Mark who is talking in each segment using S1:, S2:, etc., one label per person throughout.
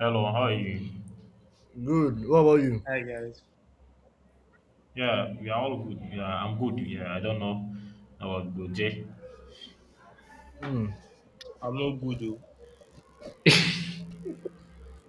S1: Hello, how are you?
S2: Good. What about you?
S3: Hi guys,
S1: Yeah, we are all good. Yeah, I'm good. Yeah, I don't know about Goje.
S2: Mm.
S3: I'm not good though.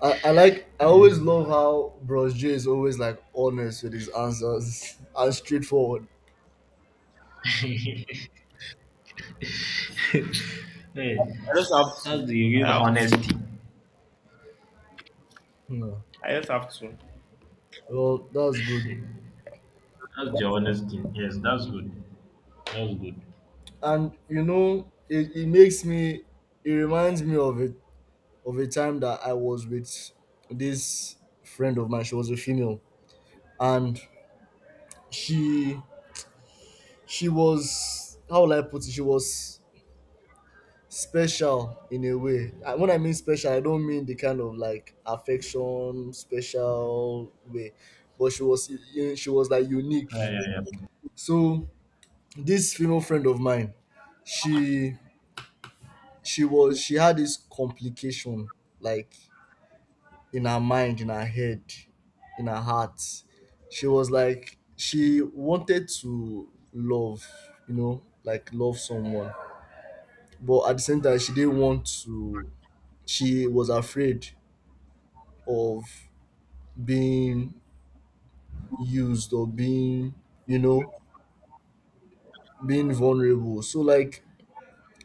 S2: I like I always love how Bros J is always like honest with his answers and straightforward.
S1: Hey,
S3: I just have to.
S1: that's the
S3: I
S1: real
S3: have to.
S1: honesty.
S2: Yeah.
S3: I just have to.
S2: Well, that's good.
S1: That's the honesty. Yes, that's good. That's good.
S2: And you know, it makes me it reminds me of it of a time that I was with this friend of mine. She was a female and she she was how will I put it? She was special in a way. And when I mean special, I don't mean the kind of like affection special way, but she was she was like
S1: Yeah,
S2: unique.
S1: yeah, yeah.
S2: So this female friend of mine, she she was she had this complication like in her mind, in her head, in her heart. She was like she wanted to love, you know, like love someone but at the same time she didn't want to she was afraid of being used or being you know being vulnerable so like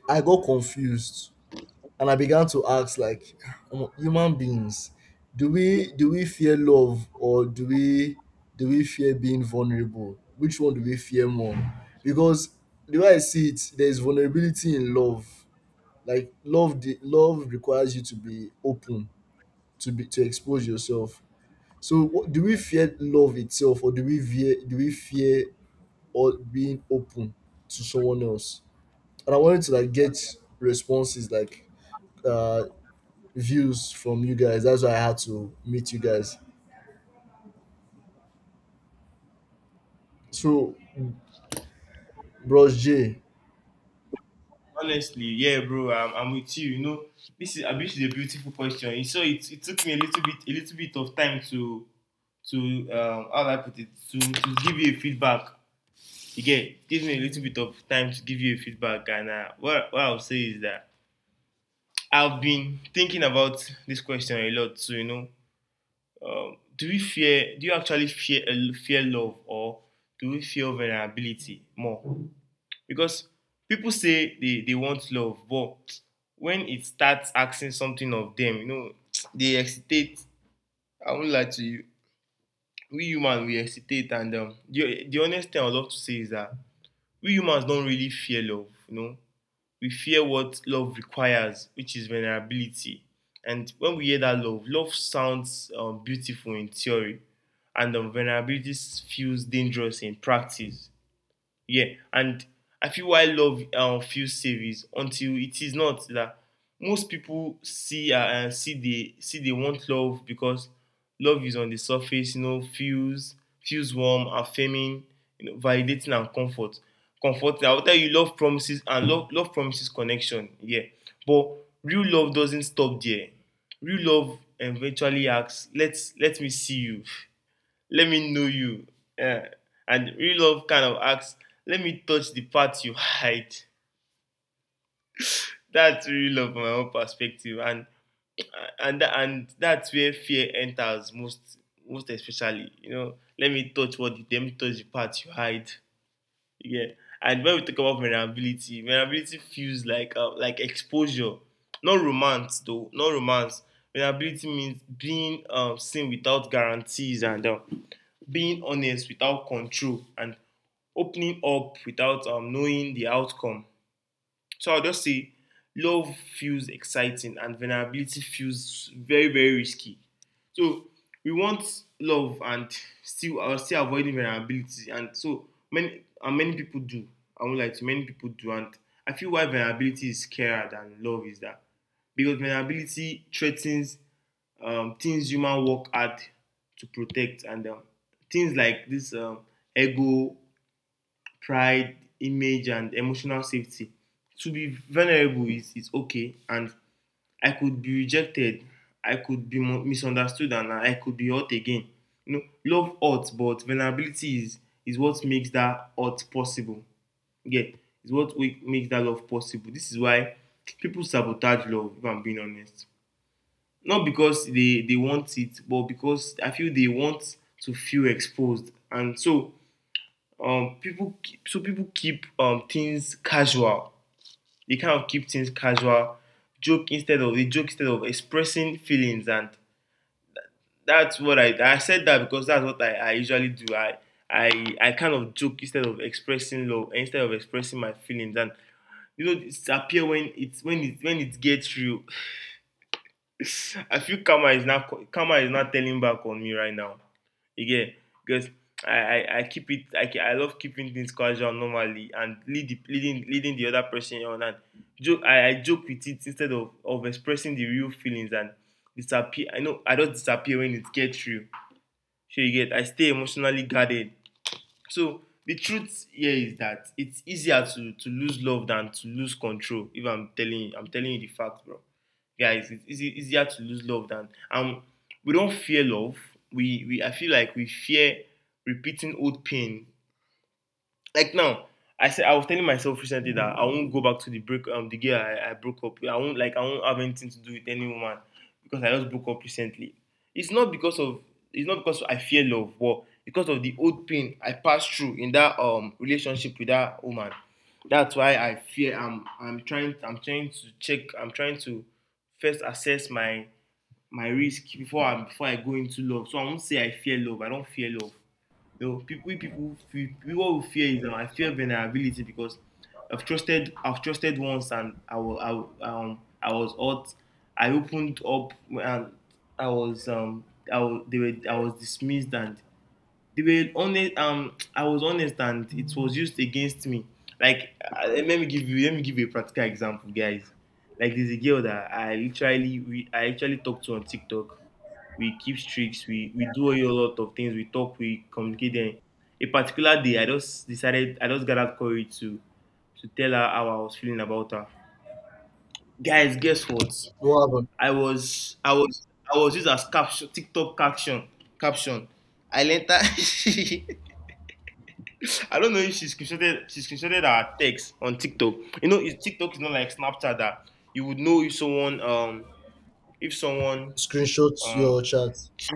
S2: I got confused and I began to ask like, "Omo, human beings, do we fear love or do we fear being vulnerable, which one do we fear more, because the way I see it there is vulnerability in love, like love the love requires you to be open, to be to expose yourself. So what, do we fear love itself, or do we fear or being open to someone else?" And I wanted to like get responses, like uh, views from you guys. That's why I had to meet you guys. So, Bros J,
S3: Honestly, yeah, bro, I'm with you. You know, this is I mean, this is a beautiful question. It took me a little bit of time to to how do I put it to give you a feedback. Again, it gives me a little bit of time to give you a feedback. And what I'll say is that I've been thinking about this question a lot. So you know, do we fear? Do you actually fear love or do we fear vulnerability more? Because people say they want love, but when it starts asking something of them, you know, they hesitate. I won't lie to you. We humans, we hesitate, and the honest thing I would love to say is that we humans don't really fear love, you know. We fear what love requires, which is vulnerability. And when we hear that love sounds beautiful in theory, and vulnerability feels dangerous in practice. Yeah, and I feel why love feels safe is until it is not, that most people see they want love because love is on the surface, you know, feels warm, affirming, you know, validating and comfort. Comfort, I will tell you. Love promises and love promises connection. Yeah, but real love doesn't stop there. Real love eventually asks, Let me see you. Let me know you." Yeah. And real love kind of asks, let me touch the parts you hide. That's real love from my own perspective. And and that's where fear enters most especially. You know, let me touch the parts you hide. Yeah. And when we talk about vulnerability, vulnerability feels like exposure, not romance though, not romance. Vulnerability means being seen without guarantees, and being honest without control, and opening up without knowing the outcome. So I'll just say love feels exciting and vulnerability feels very, very risky. So we want love and still avoiding vulnerability. And many people do. I won't lie, to many people do. And I feel why vulnerability is scarier than love is that, because vulnerability threatens things human work hard to protect, and things like this, ego, pride, image and emotional safety. To be vulnerable is okay, and I could be rejected, I could be mu- misunderstood, and I could be hurt again. You know, love hurts but vulnerability is what makes that hurt possible. Yeah, is what, we, makes that love possible. This is why people sabotage love, if I'm being honest. Not because they want it, but because I feel they want to feel exposed. And so people keep things casual, they kind of keep things casual, joke instead of they joke instead of expressing feelings. And that's what I said that, because that's what I usually do. I kind of joke instead of expressing love, instead of expressing my feelings. And you know, it's appear when it's when it gets real, I feel karma is not telling back on me right now. Again, because I, I keep it. I love keeping things casual normally, and leading the other person on, and I joke with it instead of expressing the real feelings. And disappear I know I don't disappear when it gets real. So you get, I stay emotionally guarded. So the truth here is that it's easier to lose love than to lose control. If I'm telling you, I'm telling you the fact, bro. Guys, easier to lose love. Than and we don't fear love. We I feel like we fear repeating old pain. Like now, I said I was telling myself recently that I won't go back to the girl I broke up with. I won't, like, I won't have anything to do with any woman, because I just broke up recently. It's not because of, it's not because I fear love, but because of the old pain I passed through in that relationship with that woman. That's why I fear, I'm trying to first assess my my risk before I go into love. So I won't say I fear love. I don't fear love. You know, people, we people feel, people will fear is, I fear vulnerability because I've trusted once, and I was, I was hurt. I opened up, and I was, I was dismissed, and they were honest. I was honest, and it was used against me. Like, let me give you a practical example, guys. Like, there's a girl that I actually talked to on TikTok. We keep streaks, we do a lot of things, we talk, we communicate. Then a particular day, I just decided, I just gathered courage to tell her how I was feeling about her. Guys, guess what?
S2: what happened?
S3: I was I was I was used as caption, TikTok caption caption. I learned that I don't know if she screenshotted our text on TikTok. You know, it's- TikTok is not like Snapchat that you would know if someone if someone
S2: Screenshot
S3: uh
S2: your chat.
S3: She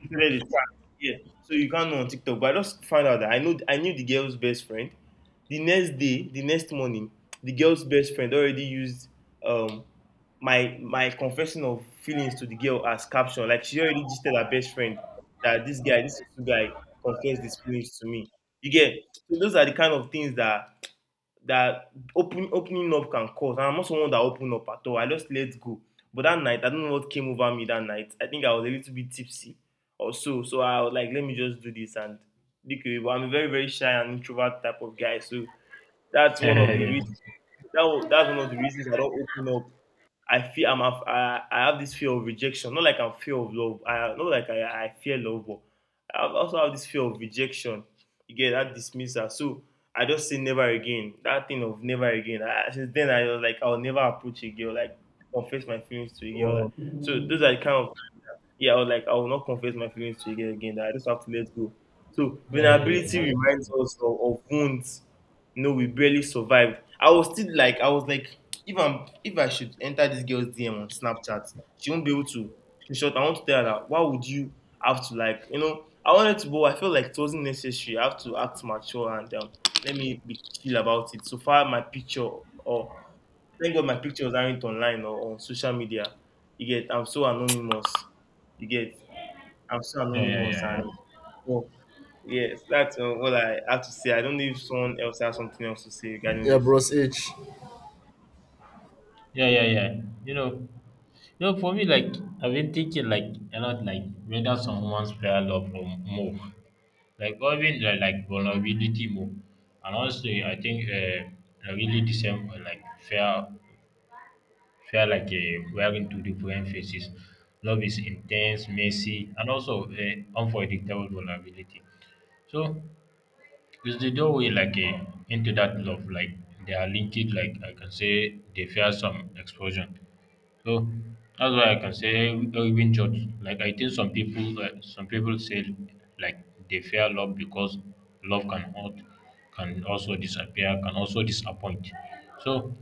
S3: she said it's trash. Yeah. So you can't know on TikTok. But I just found out that I knew the girl's best friend. The next day, the next morning, the girl's best friend already used um my my confession of feelings to the girl as caption. Like, she already just told her best friend that this guy confessed his feelings to me. You get, so those are the kind of things that that opening up can cause. And I'm not someone that open up at all. I just let go. But that night, I don't know what came over me that night. I think I was a little bit tipsy or so. So I was like, let me just do this and look away. But I'm a very, very shy and introvert type of guy. So that's one
S1: Yeah,
S3: of the
S1: yeah,
S3: reasons that's one
S1: yeah,
S3: of the reasons I don't open up. I feel I have this fear of rejection. Not like I'm fear of love. I not like I fear love, but also have this fear of rejection. You get, that dismissal. So I just say never again. That thing of never again. I, since then I was like, I'll never approach a girl. Like confess my feelings to a girl.
S2: Wow.
S3: Like, so those are the kind of, yeah, I was like, I will not confess my feelings to you again, that I just have to let go. So
S1: yeah. Yeah,
S3: vulnerability
S1: that's
S3: reminds
S1: good.
S3: us of wounds. No, we barely survived. I was like, if I'm if I should enter this girl's DM on Snapchat, she won't be able to. In short, I want to tell her that, why would you have to, like, you know, I wanted to, but I felt like it wasn't necessary. I have to act mature, and let me be chill about it. So far, my picture or, thank God, my picture was, aren't online or on social media. You get, I'm so anonymous. You get, I'm so
S1: Yeah, yeah,
S3: anonymous,
S1: yeah, yeah.
S3: and oh, yes, that's all I have to say. I don't know if someone else has something else to say regarding
S2: Yeah,
S3: this.
S2: Bros H.
S1: Yeah, yeah, yeah. You know, you know, for me, like I've been thinking like a lot, like whether someone's fair love or more, like or even like vulnerability more, and also I think I really the same for, like fair felt like wearing two different faces. Love is intense, messy, and also unpredictable vulnerability. So it's the doorway like into that love. Like they are linked. Like I can say they fear some explosion. So that's why I can say even judge. Like I think some people say like they fear love because love can hurt, can also disappear, can also disappoint. So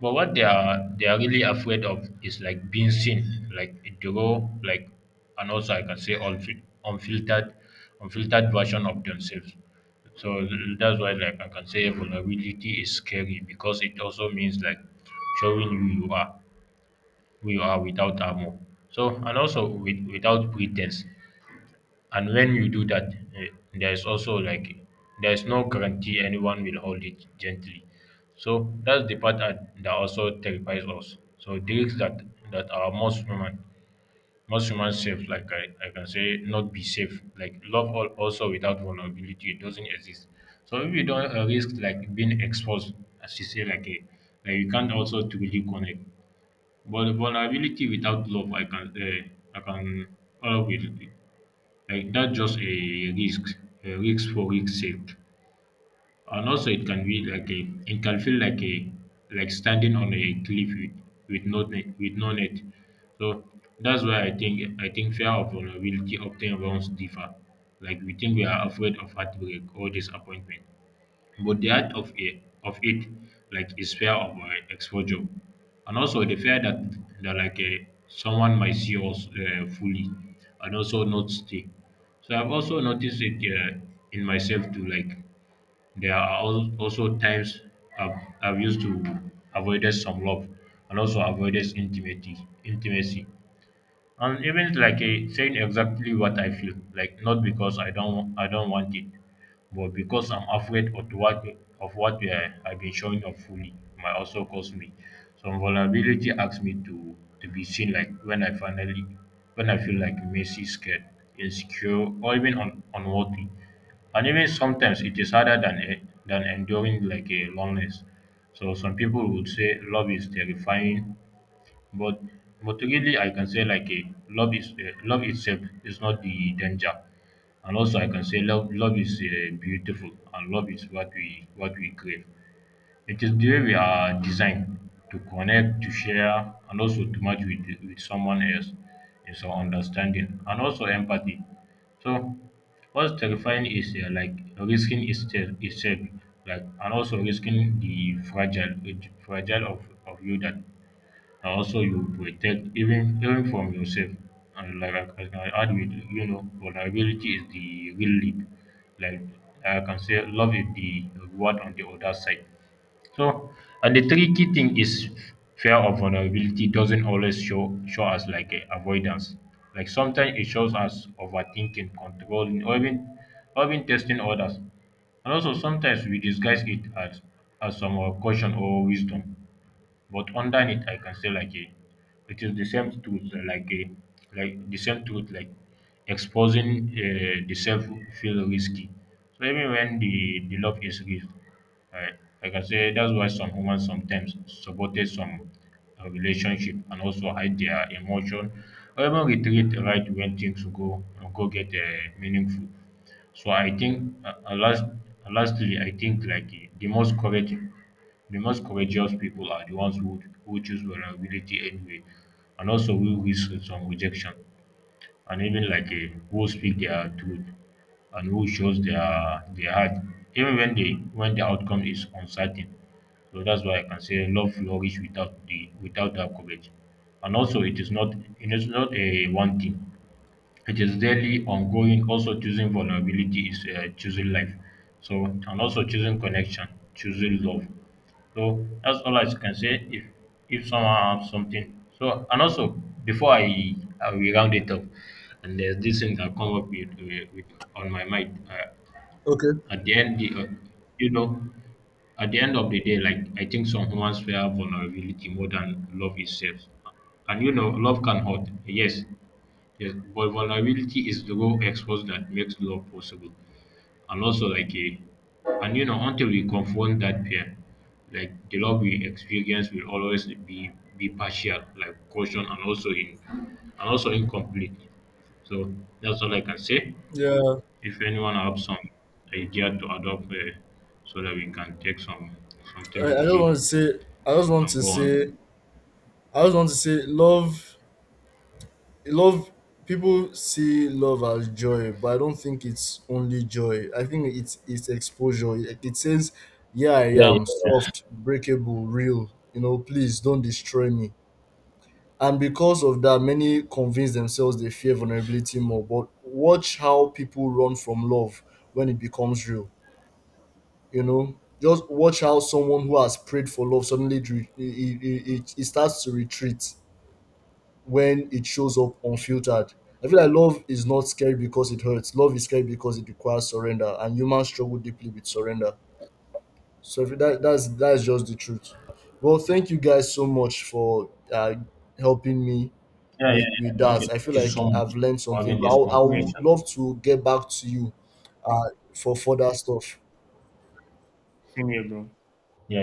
S1: but what they are really afraid of is like being seen, like the raw, like, and also I can say unfiltered version of themselves. So that's why like I can say vulnerability is scary because it also means like showing who you are, without armor. So and also without pretense. And when you do that, there's also like there's no guarantee anyone will hold it gently. So that's the part that also terrifies us. So the risks that are most human safe, like I can say, not be safe. Like love also without vulnerability it doesn't exist. So if you don't risk like being exposed, as you say, like you can't also truly connect. But vulnerability without love, I can, all will like that's just a risk for risk's sake. And also it can be like a it can feel like standing on a cliff with no net with no net. So that's why I think fear of vulnerability often runs deeper. Like we think we are afraid of heartbreak or disappointment. But the art of it like is fear of exposure, and also the fear that like someone might see us fully, and also not stay. So I've also noticed it in myself too. Like there are also times I've, I've used to avoided some love and also avoided intimacy. Intimacy, and even saying exactly what I feel, like not because I don't want it, but because I'm afraid of what I've been showing up fully might also cost me. Some vulnerability asks me to be seen like when I feel like messy, scared, insecure, or even unworthy. And even sometimes it is harder than than enduring like a loneliness. So some people would say love is terrifying but but really, I can say like a love is love itself is not the danger, and also I can say love is beautiful, and love is what we crave. It is the way we are designed to connect, to share, and also to match with someone else in some understanding and also empathy. So what's terrifying is like risking itself, like and also risking the fragile of you that and also you protect even from yourself and like like I can add with vulnerability is the real lead like I can say love is the reward on the other side so and the tricky thing is fear of vulnerability doesn't always show us like a avoidance like sometimes it shows us overthinking controlling or even testing others and also sometimes we disguise it as some caution or wisdom but underneath I can say like a it is the same truth like the same truth like exposing the self feel risky. So even when the love is real, right? Like I can say, that's why some humans sometimes sabotage some relationship and also hide their emotion or even retreat right when things go get meaningful. So I think lastly I think like the most courageous people are the ones who choose vulnerability anyway, and also who risk some rejection, and even like who speak their truth and who shows their heart, even when the outcome is uncertain. So that's why I can say love flourish without that courage. And also, it is not a one thing. It is daily ongoing. Also, choosing vulnerability is choosing life. So, and also choosing connection, choosing love. So that's all I can say. If someone have something, so and also before I will round it up, and there's this thing that come up with on my mind.
S2: Okay.
S1: At the end, you know, at the end of the day, like I think some humans fear vulnerability more than love itself. And love can hurt. Yes, yes, but vulnerability is the raw expose that makes love possible. And also, like, a, and you know, until we confront that pain, like the love we experience will always be partial, like caution, and also incomplete. So that's all I can say.
S2: Yeah,
S1: If anyone have some idea to adopt, so that we can take
S2: I,
S1: something
S2: I
S1: from
S2: just
S1: it,
S2: want to say, I just
S1: we
S2: want
S1: can
S2: to
S1: go
S2: say,
S1: on.
S2: I just want to say, love people see love as joy but I don't think it's only joy, I think it's exposure, it says, yeah, I
S1: Yeah, yeah,
S2: am
S1: yeah.
S2: soft, breakable, real, you know, please don't destroy me. And because of that many convince themselves they fear vulnerability more, but watch how people run from love when it becomes real. You know, just watch how someone who has prayed for love suddenly it starts to retreat when it shows up unfiltered. I feel like love is not scary because it hurts. Love is scary because it requires surrender, and humans struggle deeply with surrender. So if that's that's just the truth. Well, thank you guys so much for helping me
S1: Yeah, yeah,
S2: with
S1: yeah.
S2: that.
S1: Okay,
S2: I feel
S1: thank you
S2: like
S1: so much
S2: I've learned
S1: for
S2: something.
S1: having
S2: But
S1: this
S2: I'll,
S3: Same here,
S2: I'll
S1: conversation.
S3: bro.
S2: love to get back to you uh, for further stuff.
S3: Same here, bro.
S1: Yeah.